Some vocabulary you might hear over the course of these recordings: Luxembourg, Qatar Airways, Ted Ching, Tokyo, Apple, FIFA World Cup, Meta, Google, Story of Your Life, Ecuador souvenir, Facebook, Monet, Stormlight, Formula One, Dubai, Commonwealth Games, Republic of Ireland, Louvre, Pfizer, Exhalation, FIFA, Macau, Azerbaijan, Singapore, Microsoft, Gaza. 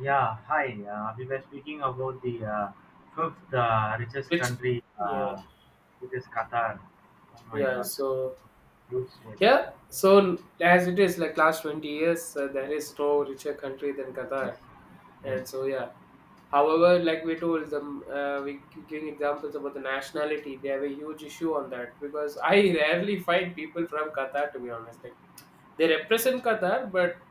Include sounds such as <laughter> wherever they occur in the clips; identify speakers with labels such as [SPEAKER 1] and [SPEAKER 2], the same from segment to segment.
[SPEAKER 1] Yeah, hi. We were speaking about the fifth richest
[SPEAKER 2] Which,
[SPEAKER 1] country,
[SPEAKER 2] yeah,
[SPEAKER 1] it is Qatar. Oh my
[SPEAKER 2] yeah.
[SPEAKER 1] God,
[SPEAKER 2] So
[SPEAKER 1] huge state.
[SPEAKER 2] yeah, so as it is, like last 20 years, there is no richer country than Qatar,
[SPEAKER 1] Yes,
[SPEAKER 2] and
[SPEAKER 1] yes.
[SPEAKER 2] so yeah. However, like we told them, we keep giving examples about the nationality. They have a huge issue on that because I rarely find people from Qatar. To be honest, like they represent Qatar, but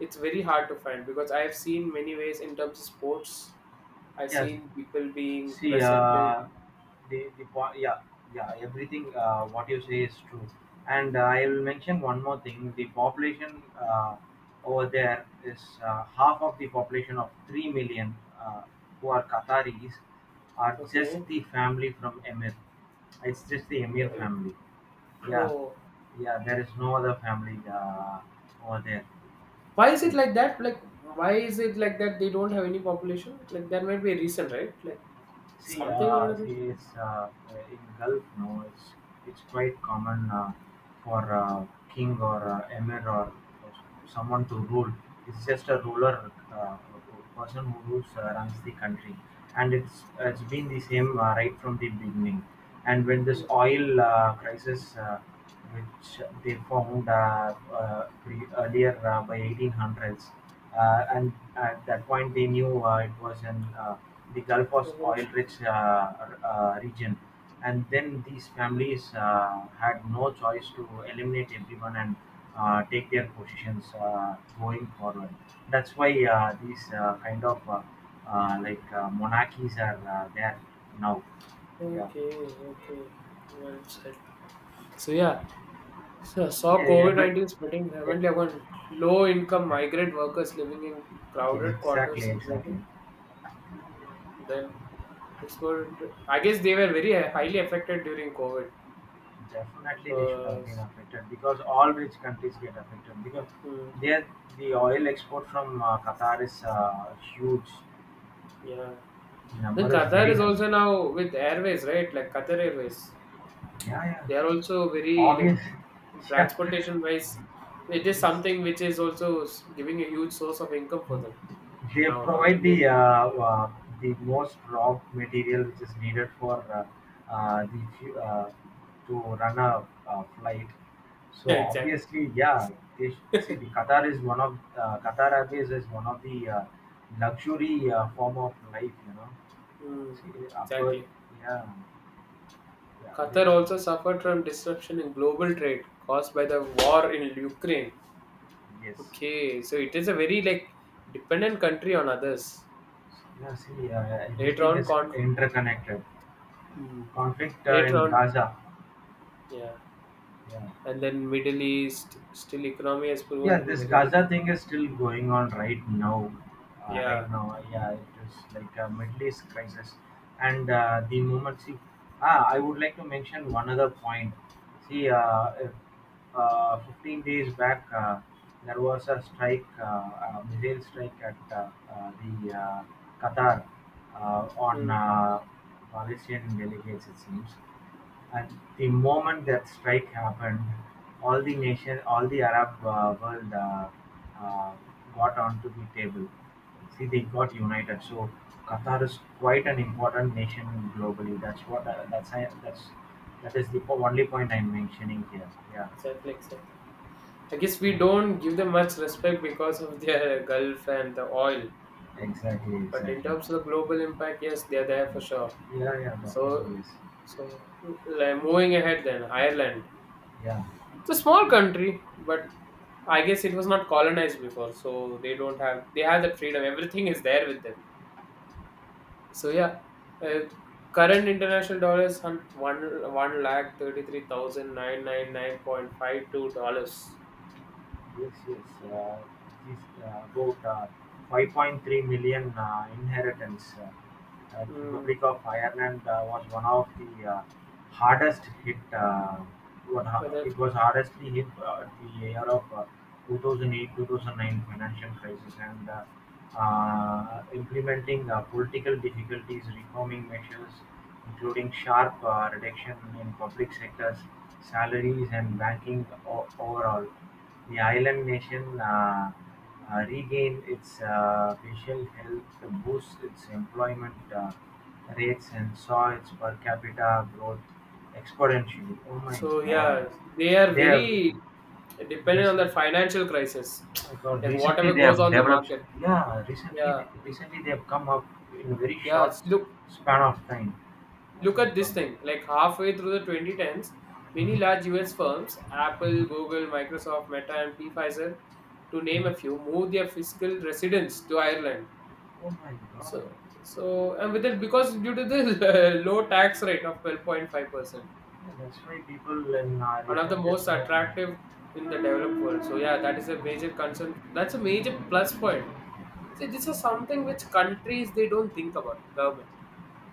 [SPEAKER 2] it's very hard to find because I have seen many ways in terms of sports. I've
[SPEAKER 1] Yeah.
[SPEAKER 2] seen people being
[SPEAKER 1] See,
[SPEAKER 2] presented.
[SPEAKER 1] the po- yeah, Yeah, everything what you say is true. And I will mention one more thing. The population over there is half of the population of 3 million who are Qataris are just
[SPEAKER 2] Okay.
[SPEAKER 1] the family from Emir. It's just the Emir
[SPEAKER 2] Eh,
[SPEAKER 1] family. Yeah,
[SPEAKER 2] oh.
[SPEAKER 1] yeah, there is no other family over there.
[SPEAKER 2] Why is it
[SPEAKER 1] Yes.
[SPEAKER 2] like that? Like, why is it like that? They don't have any population. Like, there might be a reason, right? Like,
[SPEAKER 1] See,
[SPEAKER 2] something or
[SPEAKER 1] uh,
[SPEAKER 2] another.
[SPEAKER 1] see, it's, uh, uh, in Gulf, no, it's quite common for king or emir or someone to rule. It's just a ruler, person who rules, runs the country, and it's been the same right from the beginning. And when this
[SPEAKER 2] Hmm.
[SPEAKER 1] oil crisis which they found earlier by 1800s. And at that point, they knew it was in the Gulf was oil-rich, region. And then these families had no choice to eliminate everyone and take their positions going forward. That's why these kind of monarchies are there now. Yeah.
[SPEAKER 2] Okay, okay. Well said. So yeah, so saw
[SPEAKER 1] Yeah,
[SPEAKER 2] COVID 19 spreading rampantly among low-income migrant workers living in
[SPEAKER 1] yeah,
[SPEAKER 2] crowded
[SPEAKER 1] exactly.
[SPEAKER 2] quarters.
[SPEAKER 1] Exactly.
[SPEAKER 2] Triggered. Hmm. Then exploded. I guess they were very highly affected during COVID.
[SPEAKER 1] Definitely they should have
[SPEAKER 2] Uh,
[SPEAKER 1] been affected because all rich countries get affected because
[SPEAKER 2] hmm,
[SPEAKER 1] there the oil export from Qatar is huge.
[SPEAKER 2] yeah.
[SPEAKER 1] The
[SPEAKER 2] Then
[SPEAKER 1] number is
[SPEAKER 2] Qatar
[SPEAKER 1] very
[SPEAKER 2] is
[SPEAKER 1] high.
[SPEAKER 2] also now with airways, right? Like Qatar Airways,
[SPEAKER 1] Yeah, yeah.
[SPEAKER 2] they are also very
[SPEAKER 1] Obvious.
[SPEAKER 2] like
[SPEAKER 1] <laughs> yeah.
[SPEAKER 2] transportation wise. It is
[SPEAKER 1] Yes.
[SPEAKER 2] something which is also giving a huge source of income for them
[SPEAKER 1] They
[SPEAKER 2] now. Not
[SPEAKER 1] provide
[SPEAKER 2] only
[SPEAKER 1] the most raw material which is needed for uh, the fu- uh, to run a flight.
[SPEAKER 2] <laughs>
[SPEAKER 1] So
[SPEAKER 2] exactly,
[SPEAKER 1] obviously, yeah, see, the Qatar is one of Qatar Airways is one of the luxury form of life, you know.
[SPEAKER 2] mm,
[SPEAKER 1] See, upper,
[SPEAKER 2] exactly.
[SPEAKER 1] yeah, yeah,
[SPEAKER 2] Qatar
[SPEAKER 1] then
[SPEAKER 2] also suffered from disruption in global trade caused by the war in Ukraine.
[SPEAKER 1] uh, yes,
[SPEAKER 2] Okay, so it is a very like dependent country on others.
[SPEAKER 1] yeah. See,
[SPEAKER 2] Later
[SPEAKER 1] everything
[SPEAKER 2] on,
[SPEAKER 1] is
[SPEAKER 2] con.
[SPEAKER 1] interconnected.
[SPEAKER 2] Mm.
[SPEAKER 1] Conflict
[SPEAKER 2] Later
[SPEAKER 1] in
[SPEAKER 2] on,
[SPEAKER 1] Gaza,
[SPEAKER 2] yeah.
[SPEAKER 1] yeah.
[SPEAKER 2] And then Middle East still economy has proven
[SPEAKER 1] Yeah,
[SPEAKER 2] to be
[SPEAKER 1] this
[SPEAKER 2] very rich.
[SPEAKER 1] Gaza thing is still going on right now,
[SPEAKER 2] Yeah.
[SPEAKER 1] yeah, it is like a Middle East crisis. And the moment see ah, I would like to mention one other point. See if, uh, 15 days back there was a strike, a missile strike at the Qatar, uh, on
[SPEAKER 2] Hmm.
[SPEAKER 1] Palestinian delegates, it seems. At the moment that strike happened, all the nation, all the Arab world uh, got onto the table. See, they got united. So Qatar is quite an important nation globally. That's what that's I- that's That is the only point I'm mentioning here. Yeah,
[SPEAKER 2] Exactly, exactly. I guess we
[SPEAKER 1] yeah.
[SPEAKER 2] don't give them much respect because of their Gulf and the oil,
[SPEAKER 1] Exactly,
[SPEAKER 2] but in
[SPEAKER 1] exactly.
[SPEAKER 2] terms of the global impact, yes, they are there for sure.
[SPEAKER 1] Yeah, yeah,
[SPEAKER 2] so
[SPEAKER 1] definitely is.
[SPEAKER 2] so like, moving ahead then Ireland.
[SPEAKER 1] Yeah,
[SPEAKER 2] It's a small country, but I guess it was not colonized before, so they don't have they have that freedom, everything is there with them. So yeah, uh, current international dollars, one lakh thirty three thousand nine nine nine point five two dollars.
[SPEAKER 1] yes, yes. This, about 5.3 million inheritance.
[SPEAKER 2] Mm,
[SPEAKER 1] Republic of Ireland was one of the hardest hit.
[SPEAKER 2] but
[SPEAKER 1] It was hardestly hit at the year of 2008-2009 financial crisis and implementing political difficulties, reforming measures, including sharp reduction in public sectors, salaries, and banking overall. The island nation. Regain its facial health, boost its employment rates, and saw its per capita growth exponentially. Oh my
[SPEAKER 2] so
[SPEAKER 1] God!
[SPEAKER 2] yeah, they are
[SPEAKER 1] They have
[SPEAKER 2] very dependent on
[SPEAKER 1] recent,
[SPEAKER 2] the financial crisis,
[SPEAKER 1] my God,
[SPEAKER 2] like
[SPEAKER 1] recently
[SPEAKER 2] whatever
[SPEAKER 1] they
[SPEAKER 2] goes
[SPEAKER 1] have
[SPEAKER 2] on the
[SPEAKER 1] developed.
[SPEAKER 2] market.
[SPEAKER 1] Yeah, recently,
[SPEAKER 2] Yeah,
[SPEAKER 1] recently they have come up in a very
[SPEAKER 2] yeah.
[SPEAKER 1] short
[SPEAKER 2] Look,
[SPEAKER 1] span of time. Oh
[SPEAKER 2] look
[SPEAKER 1] my
[SPEAKER 2] at this
[SPEAKER 1] God.
[SPEAKER 2] thing. Like halfway through the 2010s, many
[SPEAKER 1] Mhm,
[SPEAKER 2] large U.S. firms,
[SPEAKER 1] mhm,
[SPEAKER 2] Apple, Google, Microsoft, Meta, and P. Pfizer, to name a
[SPEAKER 1] mhm.
[SPEAKER 2] few, moved their fiscal residence to Ireland.
[SPEAKER 1] Oh my God.
[SPEAKER 2] So, so and with it because due to the <laughs> low tax rate of 12.5%,
[SPEAKER 1] Yeah, that's why people in our
[SPEAKER 2] one of the
[SPEAKER 1] region just
[SPEAKER 2] most
[SPEAKER 1] smoke.
[SPEAKER 2] attractive in the developed world. So yeah, that is a major concern. That's a major plus point. See, this is something which countries they don't think about government.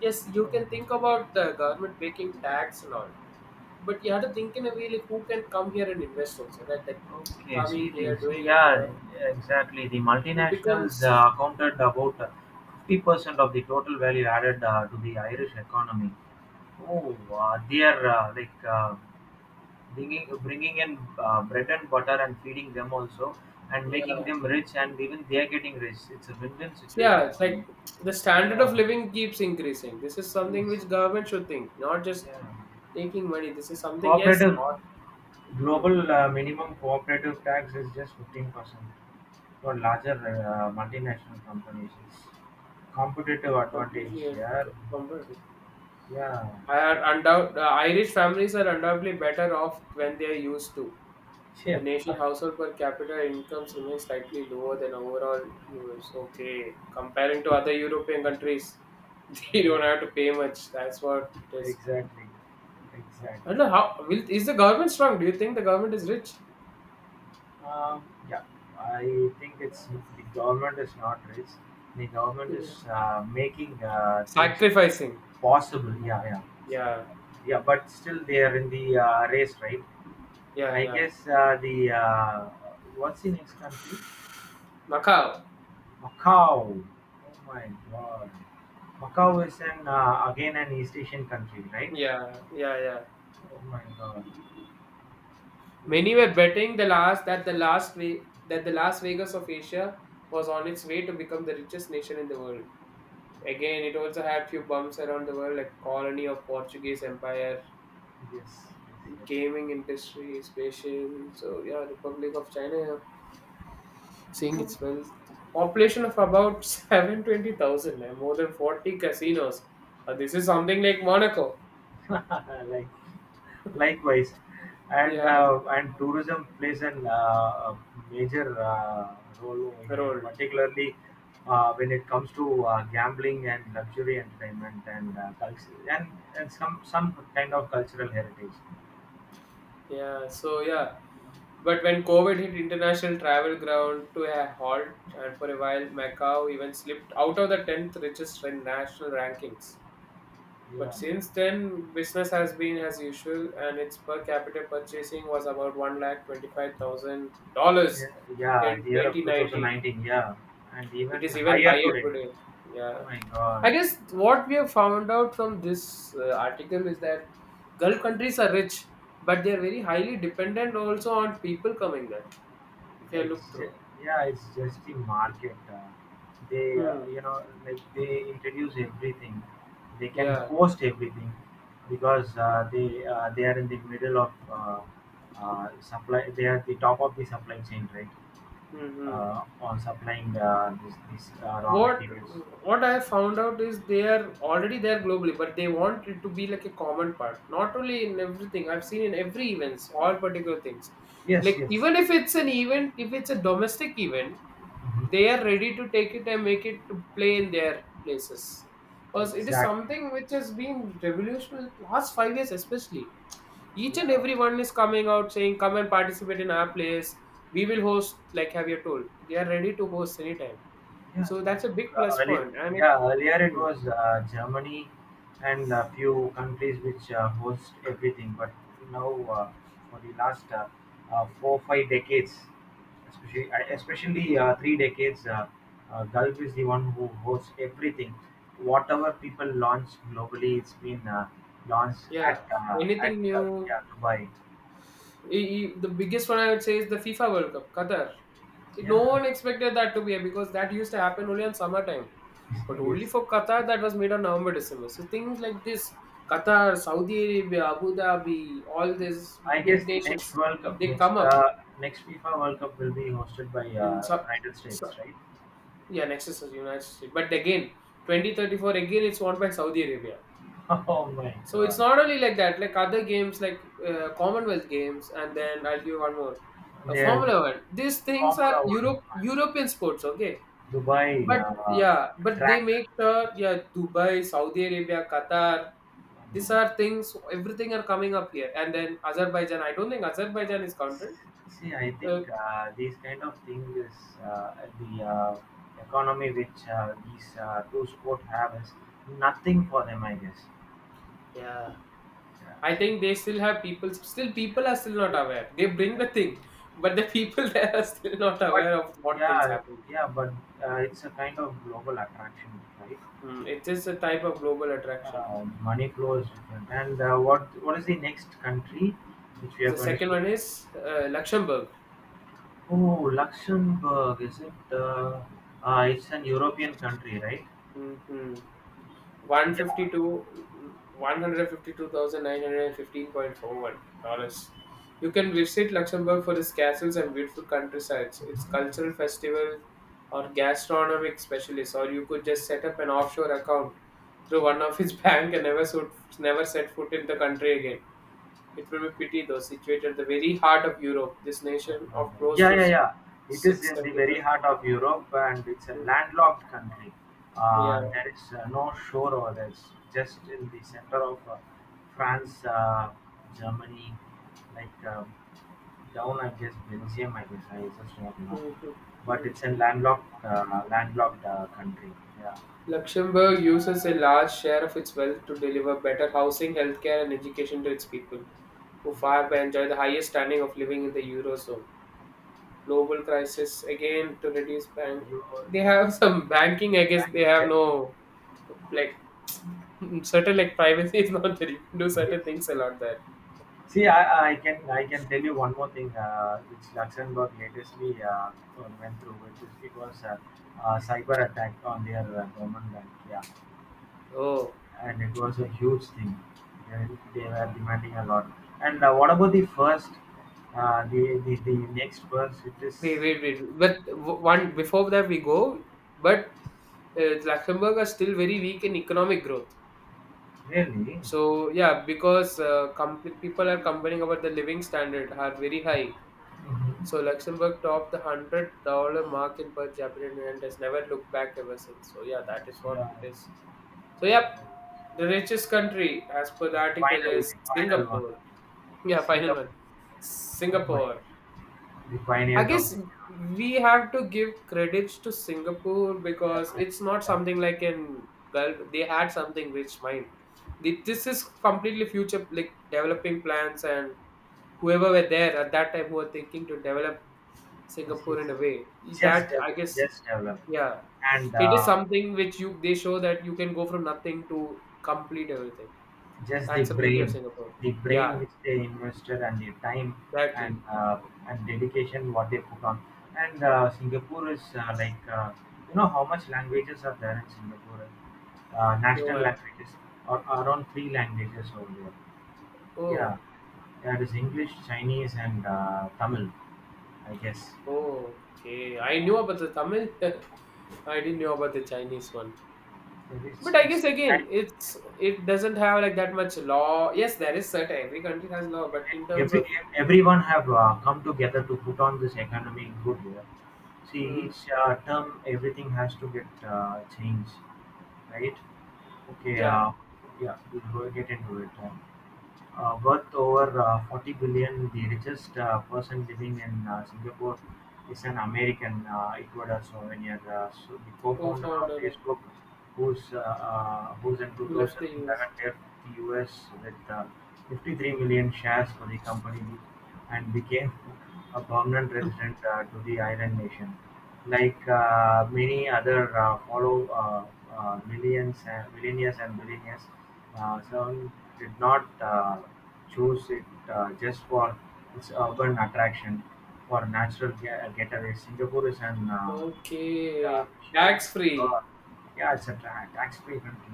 [SPEAKER 2] Yes, you can think
[SPEAKER 1] Yeah.
[SPEAKER 2] about the government making tax and all, but you have to think in a way like who can come here and invest also, right? Like
[SPEAKER 1] Okay,
[SPEAKER 2] coming
[SPEAKER 1] see the
[SPEAKER 2] here,
[SPEAKER 1] see
[SPEAKER 2] doing it
[SPEAKER 1] yeah,
[SPEAKER 2] here,
[SPEAKER 1] exactly. The
[SPEAKER 2] it
[SPEAKER 1] multinationals
[SPEAKER 2] becomes,
[SPEAKER 1] accounted about 50% of the total value added to the Irish economy. Oh, they are bringing, in bread and butter, and feeding them also, and making
[SPEAKER 2] yeah.
[SPEAKER 1] them rich, and even they are getting rich. It's a win-win
[SPEAKER 2] So, yeah,
[SPEAKER 1] situation
[SPEAKER 2] it's
[SPEAKER 1] for them.
[SPEAKER 2] like the standard of
[SPEAKER 1] Yeah.
[SPEAKER 2] living keeps increasing. This is something
[SPEAKER 1] Yes.
[SPEAKER 2] which government should think, not just
[SPEAKER 1] Yeah.
[SPEAKER 2] taking money. This is something, yes,
[SPEAKER 1] Cooperative
[SPEAKER 2] not. hmm,
[SPEAKER 1] global minimum cooperative tax is just 15% for larger multinational companies. Competitive advantage,
[SPEAKER 2] Completely
[SPEAKER 1] yeah. Yeah.
[SPEAKER 2] Irish families are undoubtedly better off when they are used to
[SPEAKER 1] <laughs>
[SPEAKER 2] the
[SPEAKER 1] Yeah.
[SPEAKER 2] nation household per capita incomes remain slightly lower than overall US. Okay, comparing to other European countries, <laughs> they
[SPEAKER 1] Yeah,
[SPEAKER 2] don't have to pay much, that's what it is.
[SPEAKER 1] exactly.
[SPEAKER 2] I don't
[SPEAKER 1] Exactly.
[SPEAKER 2] know how is the government strong, do you think the government is rich?
[SPEAKER 1] Um, yeah, I think it's the government is not rich. The government
[SPEAKER 2] Yeah.
[SPEAKER 1] is making things
[SPEAKER 2] Sacrificing.
[SPEAKER 1] possible. Yeah, yeah. See,
[SPEAKER 2] Yeah,
[SPEAKER 1] uh, Yeah, but still they are in the race, right?
[SPEAKER 2] yeah,
[SPEAKER 1] I
[SPEAKER 2] yeah.
[SPEAKER 1] guess the what's the next country?
[SPEAKER 2] Macau.
[SPEAKER 1] Macau. Oh my God. Macau is an again an East Asian country, right?
[SPEAKER 2] Yeah, yeah, yeah.
[SPEAKER 1] Oh my God. Oh,
[SPEAKER 2] Many were betting the last way that the Las Vegas of Asia was on its way to become the richest nation in the world. Again, it also had few bumps around the world, like colony of Portuguese Empire,
[SPEAKER 1] yes, yes,
[SPEAKER 2] gaming industry, spatial. So yeah, Republic of China, yeah. Seeing its wealth. Population of about <laughs> 720,000, and more than 40 casinos. This is something like Monaco.
[SPEAKER 1] yes. <laughs> Like, likewise,
[SPEAKER 2] Yeah,
[SPEAKER 1] and tourism plays a major role over here,
[SPEAKER 2] rolled.
[SPEAKER 1] particularly when it comes to gambling and luxury entertainment and culture, and some some kind of cultural heritage.
[SPEAKER 2] Yeah. So yeah. But when COVID hit, international travel ground to a halt, and for a while, Macau even slipped out of the 10th richest in national rankings. But
[SPEAKER 1] Yeah,
[SPEAKER 2] since then, business has been as usual, and its per capita purchasing was about $125,000
[SPEAKER 1] yeah, yeah.
[SPEAKER 2] in
[SPEAKER 1] The year of
[SPEAKER 2] 2019.
[SPEAKER 1] 2019. Yeah, and
[SPEAKER 2] It
[SPEAKER 1] even
[SPEAKER 2] is even
[SPEAKER 1] higher
[SPEAKER 2] higher
[SPEAKER 1] today.
[SPEAKER 2] today.
[SPEAKER 1] Oh
[SPEAKER 2] Yeah.
[SPEAKER 1] my
[SPEAKER 2] I
[SPEAKER 1] God.
[SPEAKER 2] guess what we have found out from this article is that Gulf countries are rich, but they are very highly dependent also on people coming there. If you look
[SPEAKER 1] It's ju-
[SPEAKER 2] through.
[SPEAKER 1] yeah, it's just the market. They,
[SPEAKER 2] Hmm.
[SPEAKER 1] you know, like, they introduce everything. They can
[SPEAKER 2] Yeah.
[SPEAKER 1] host everything because they are in the middle of supply. They are the top of the supply chain, right?
[SPEAKER 2] Mm-hmm.
[SPEAKER 1] On supplying, this, raw
[SPEAKER 2] what
[SPEAKER 1] materials.
[SPEAKER 2] what I have found out is they are already there globally, but they want it to be like a common part, not only in everything. I've seen in every events, all particular things,
[SPEAKER 1] Yes,
[SPEAKER 2] like
[SPEAKER 1] yes,
[SPEAKER 2] even if it's an event, if it's a domestic event,
[SPEAKER 1] mhm,
[SPEAKER 2] they are ready to take it and make it to play in their places, because it is
[SPEAKER 1] exactly.
[SPEAKER 2] something which has been revolutionary last 5 years especially. Each and
[SPEAKER 1] Yeah,
[SPEAKER 2] everyone is coming out saying come and participate in our place, we will host, like, have you told, they are ready to host anytime.
[SPEAKER 1] yeah.
[SPEAKER 2] So that's a big
[SPEAKER 1] Uh,
[SPEAKER 2] plus
[SPEAKER 1] earlier,
[SPEAKER 2] point. I mean,
[SPEAKER 1] yeah, earlier it
[SPEAKER 2] hmm,
[SPEAKER 1] was Germany and a few countries which host everything, but now for the last 4 5 decades, especially three decades, Gulf is the one who hosts everything. Whatever people launch globally, it's been launched
[SPEAKER 2] yeah,
[SPEAKER 1] at
[SPEAKER 2] anything new.
[SPEAKER 1] yeah, Dubai.
[SPEAKER 2] The biggest one I would say is the FIFA World Cup, Qatar. No
[SPEAKER 1] Yeah,
[SPEAKER 2] one expected that to be here because that used to happen only on summertime. But
[SPEAKER 1] <laughs>
[SPEAKER 2] only
[SPEAKER 1] yes.
[SPEAKER 2] for Qatar, that was made on November, December. So things like this, Qatar, Saudi Arabia, Abu Dhabi, all these
[SPEAKER 1] I guess
[SPEAKER 2] big
[SPEAKER 1] the next
[SPEAKER 2] nations,
[SPEAKER 1] World Cup,
[SPEAKER 2] they come up
[SPEAKER 1] next FIFA World Cup will be hosted by
[SPEAKER 2] in.
[SPEAKER 1] United
[SPEAKER 2] Sub,
[SPEAKER 1] States, right?
[SPEAKER 2] yeah, next is the United States. But again, 2034, again, it's won by Saudi Arabia.
[SPEAKER 1] <laughs> Oh my
[SPEAKER 2] So it's
[SPEAKER 1] God,
[SPEAKER 2] not only like that, like other games like Commonwealth games, and then I'll give you one more,
[SPEAKER 1] they're
[SPEAKER 2] Formula One. These things are
[SPEAKER 1] Formula One,
[SPEAKER 2] European sports, okay?
[SPEAKER 1] Dubai
[SPEAKER 2] But yeah, but they
[SPEAKER 1] track.
[SPEAKER 2] make sure, yeah, Dubai, Saudi Arabia, Qatar,
[SPEAKER 1] Oh my
[SPEAKER 2] these
[SPEAKER 1] God.
[SPEAKER 2] are things. Everything are coming up here, and then Azerbaijan. I don't think Azerbaijan is counted.
[SPEAKER 1] See, I think
[SPEAKER 2] Uh,
[SPEAKER 1] these kind of things is the economy which these two sport have is nothing for them, I guess.
[SPEAKER 2] yeah,
[SPEAKER 1] Yeah,
[SPEAKER 2] I
[SPEAKER 1] see,
[SPEAKER 2] think they still have people. Still, people are still not aware. They bring the thing, but the people <laughs> there are still not
[SPEAKER 1] but
[SPEAKER 2] aware of what things
[SPEAKER 1] yeah,
[SPEAKER 2] happen.
[SPEAKER 1] yeah, but it's a kind of global attraction, right?
[SPEAKER 2] It is a type of global attraction.
[SPEAKER 1] Money flow is different. And what what is the next country which we are
[SPEAKER 2] The
[SPEAKER 1] going to
[SPEAKER 2] second
[SPEAKER 1] speak?
[SPEAKER 2] one is Luxembourg.
[SPEAKER 1] Oh, Luxembourg, is it? It's an European country, right?
[SPEAKER 2] Hmm, hmm.
[SPEAKER 1] Yeah.
[SPEAKER 2] 152 $152,915.41. You can visit Luxembourg for its castles and beautiful countrysides, its cultural festival or gastronomic specialists, or you could just set up an offshore account through one of its <laughs> bank and never, never set foot in the country again. It will be pity though, situated at the very heart of Europe, this nation of close
[SPEAKER 1] Yeah,
[SPEAKER 2] to
[SPEAKER 1] yeah, yeah. It is in the very
[SPEAKER 2] 670,000.
[SPEAKER 1] heart of Europe, and it's a
[SPEAKER 2] Mm.
[SPEAKER 1] landlocked country.
[SPEAKER 2] Yeah.
[SPEAKER 1] There is no shore over there. It's just in the center of France, Germany, like down, I guess, Belgium. I guess I just don't know.
[SPEAKER 2] Mhm.
[SPEAKER 1] But
[SPEAKER 2] Mhm.
[SPEAKER 1] it's a landlocked country. Yeah,
[SPEAKER 2] Luxembourg uses a large share of its wealth to deliver better housing, healthcare, and education to its people, who far
[SPEAKER 1] yeah,
[SPEAKER 2] by enjoy the highest standing of living in the eurozone. Global crisis again to reduce bank. They
[SPEAKER 1] yeah.
[SPEAKER 2] have <laughs> some banking. I guess
[SPEAKER 1] Thank
[SPEAKER 2] they
[SPEAKER 1] you.
[SPEAKER 2] have
[SPEAKER 1] Yeah.
[SPEAKER 2] no like <laughs> certain like privacy is not there. You can do
[SPEAKER 1] Yes.
[SPEAKER 2] certain things a lot there.
[SPEAKER 1] See, I can tell you one more thing, which Luxembourg latestly went through. It was a cyber attack on their government bank. Yeah,
[SPEAKER 2] Oh,
[SPEAKER 1] and it was a huge thing. They, they were demanding a lot. And what about the first, the next first? It is
[SPEAKER 2] wait, wait, wait. But one before that we go, but Luxembourg are still very weak in economic growth.
[SPEAKER 1] really.
[SPEAKER 2] So yeah, because people are complaining about the living standard are very high.
[SPEAKER 1] Mhm.
[SPEAKER 2] So Luxembourg topped the $100 mark in per capita and has never looked back ever since. So yeah, that is what
[SPEAKER 1] Yeah.
[SPEAKER 2] it is. So yep, the richest country as per the article
[SPEAKER 1] Final,
[SPEAKER 2] is
[SPEAKER 1] the final one,
[SPEAKER 2] Singapore. Yeah, final
[SPEAKER 1] Singapore,
[SPEAKER 2] one,
[SPEAKER 1] oh my,
[SPEAKER 2] Singapore.
[SPEAKER 1] the
[SPEAKER 2] I
[SPEAKER 1] pioneers
[SPEAKER 2] guess
[SPEAKER 1] of the
[SPEAKER 2] we have to give credits to Singapore because
[SPEAKER 1] Japanese
[SPEAKER 2] it's not something
[SPEAKER 1] development.
[SPEAKER 2] like an Gulf. They had something rich mind. This is completely future like developing plans, and whoever were there at that time who were thinking to develop
[SPEAKER 1] Yes, yes.
[SPEAKER 2] Singapore in a way that I guess,
[SPEAKER 1] Just develop,
[SPEAKER 2] yeah,
[SPEAKER 1] and
[SPEAKER 2] it is something which you they show that you can go from nothing to complete everything.
[SPEAKER 1] just
[SPEAKER 2] That's the beauty of Singapore.
[SPEAKER 1] the brain
[SPEAKER 2] Yeah,
[SPEAKER 1] which they invested, and the time
[SPEAKER 2] exactly.
[SPEAKER 1] and uh, and dedication what they put on. And Singapore is you know how much languages are there in Singapore?
[SPEAKER 2] No,
[SPEAKER 1] National
[SPEAKER 2] I,
[SPEAKER 1] languages, or around three languages over there. Yeah,
[SPEAKER 2] oh.
[SPEAKER 1] that is English, Chinese, and Tamil, I guess.
[SPEAKER 2] Oh, okay. I knew
[SPEAKER 1] Yeah.
[SPEAKER 2] about the Tamil. <laughs> I didn't know about the Chinese one. But I
[SPEAKER 1] It's
[SPEAKER 2] guess again, it doesn't have like that much law. Yes, there is certain every country has law, but in terms
[SPEAKER 1] Every
[SPEAKER 2] of
[SPEAKER 1] everyone have come together to put on this economy good here. See,
[SPEAKER 2] hmm,
[SPEAKER 1] each term everything has to get changed, right? Okay,
[SPEAKER 2] yeah,
[SPEAKER 1] yeah, we'll go get into it. Worth over 40 billion, the richest person living in Singapore is an American, Ecuador souvenir. So the co-founder of
[SPEAKER 2] co-founder
[SPEAKER 1] Facebook, who's in
[SPEAKER 2] who left the US.
[SPEAKER 1] 2011 left the US with 53 million shares for the company and became a permanent resident to the island nation. Like many other follow millions, millionaires and billionaires, Seven did not choose it just for its urban attraction. For natural getaway, Singapore is an yeah,
[SPEAKER 2] Okay,
[SPEAKER 1] huge,
[SPEAKER 2] tax
[SPEAKER 1] uh,
[SPEAKER 2] free.
[SPEAKER 1] yeah, it's a tax-free country.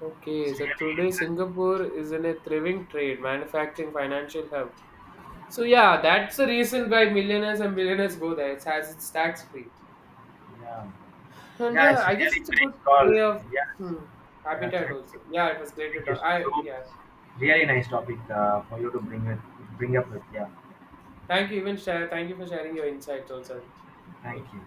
[SPEAKER 2] Okay,
[SPEAKER 1] It's
[SPEAKER 2] so
[SPEAKER 1] really
[SPEAKER 2] today
[SPEAKER 1] interesting.
[SPEAKER 2] Singapore is in a thriving trade, manufacturing, financial hub. So yeah, that's the reason why millionaires and billionaires go there. It's tax free.
[SPEAKER 1] Yeah,
[SPEAKER 2] And
[SPEAKER 1] yeah,
[SPEAKER 2] yeah,
[SPEAKER 1] it's
[SPEAKER 2] I guess
[SPEAKER 1] really
[SPEAKER 2] it's a good
[SPEAKER 1] nice call.
[SPEAKER 2] way of
[SPEAKER 1] Yeah, it's-
[SPEAKER 2] hmm,
[SPEAKER 1] yeah,
[SPEAKER 2] habitat also. Yeah, it was great to
[SPEAKER 1] thank you
[SPEAKER 2] talk.
[SPEAKER 1] so
[SPEAKER 2] I yeah.
[SPEAKER 1] much. Really nice topic for you to bring it, bring up with. Yeah,
[SPEAKER 2] Thank you, even share. Thank you for sharing your insights also.
[SPEAKER 1] thank
[SPEAKER 2] Thank you.
[SPEAKER 1] you.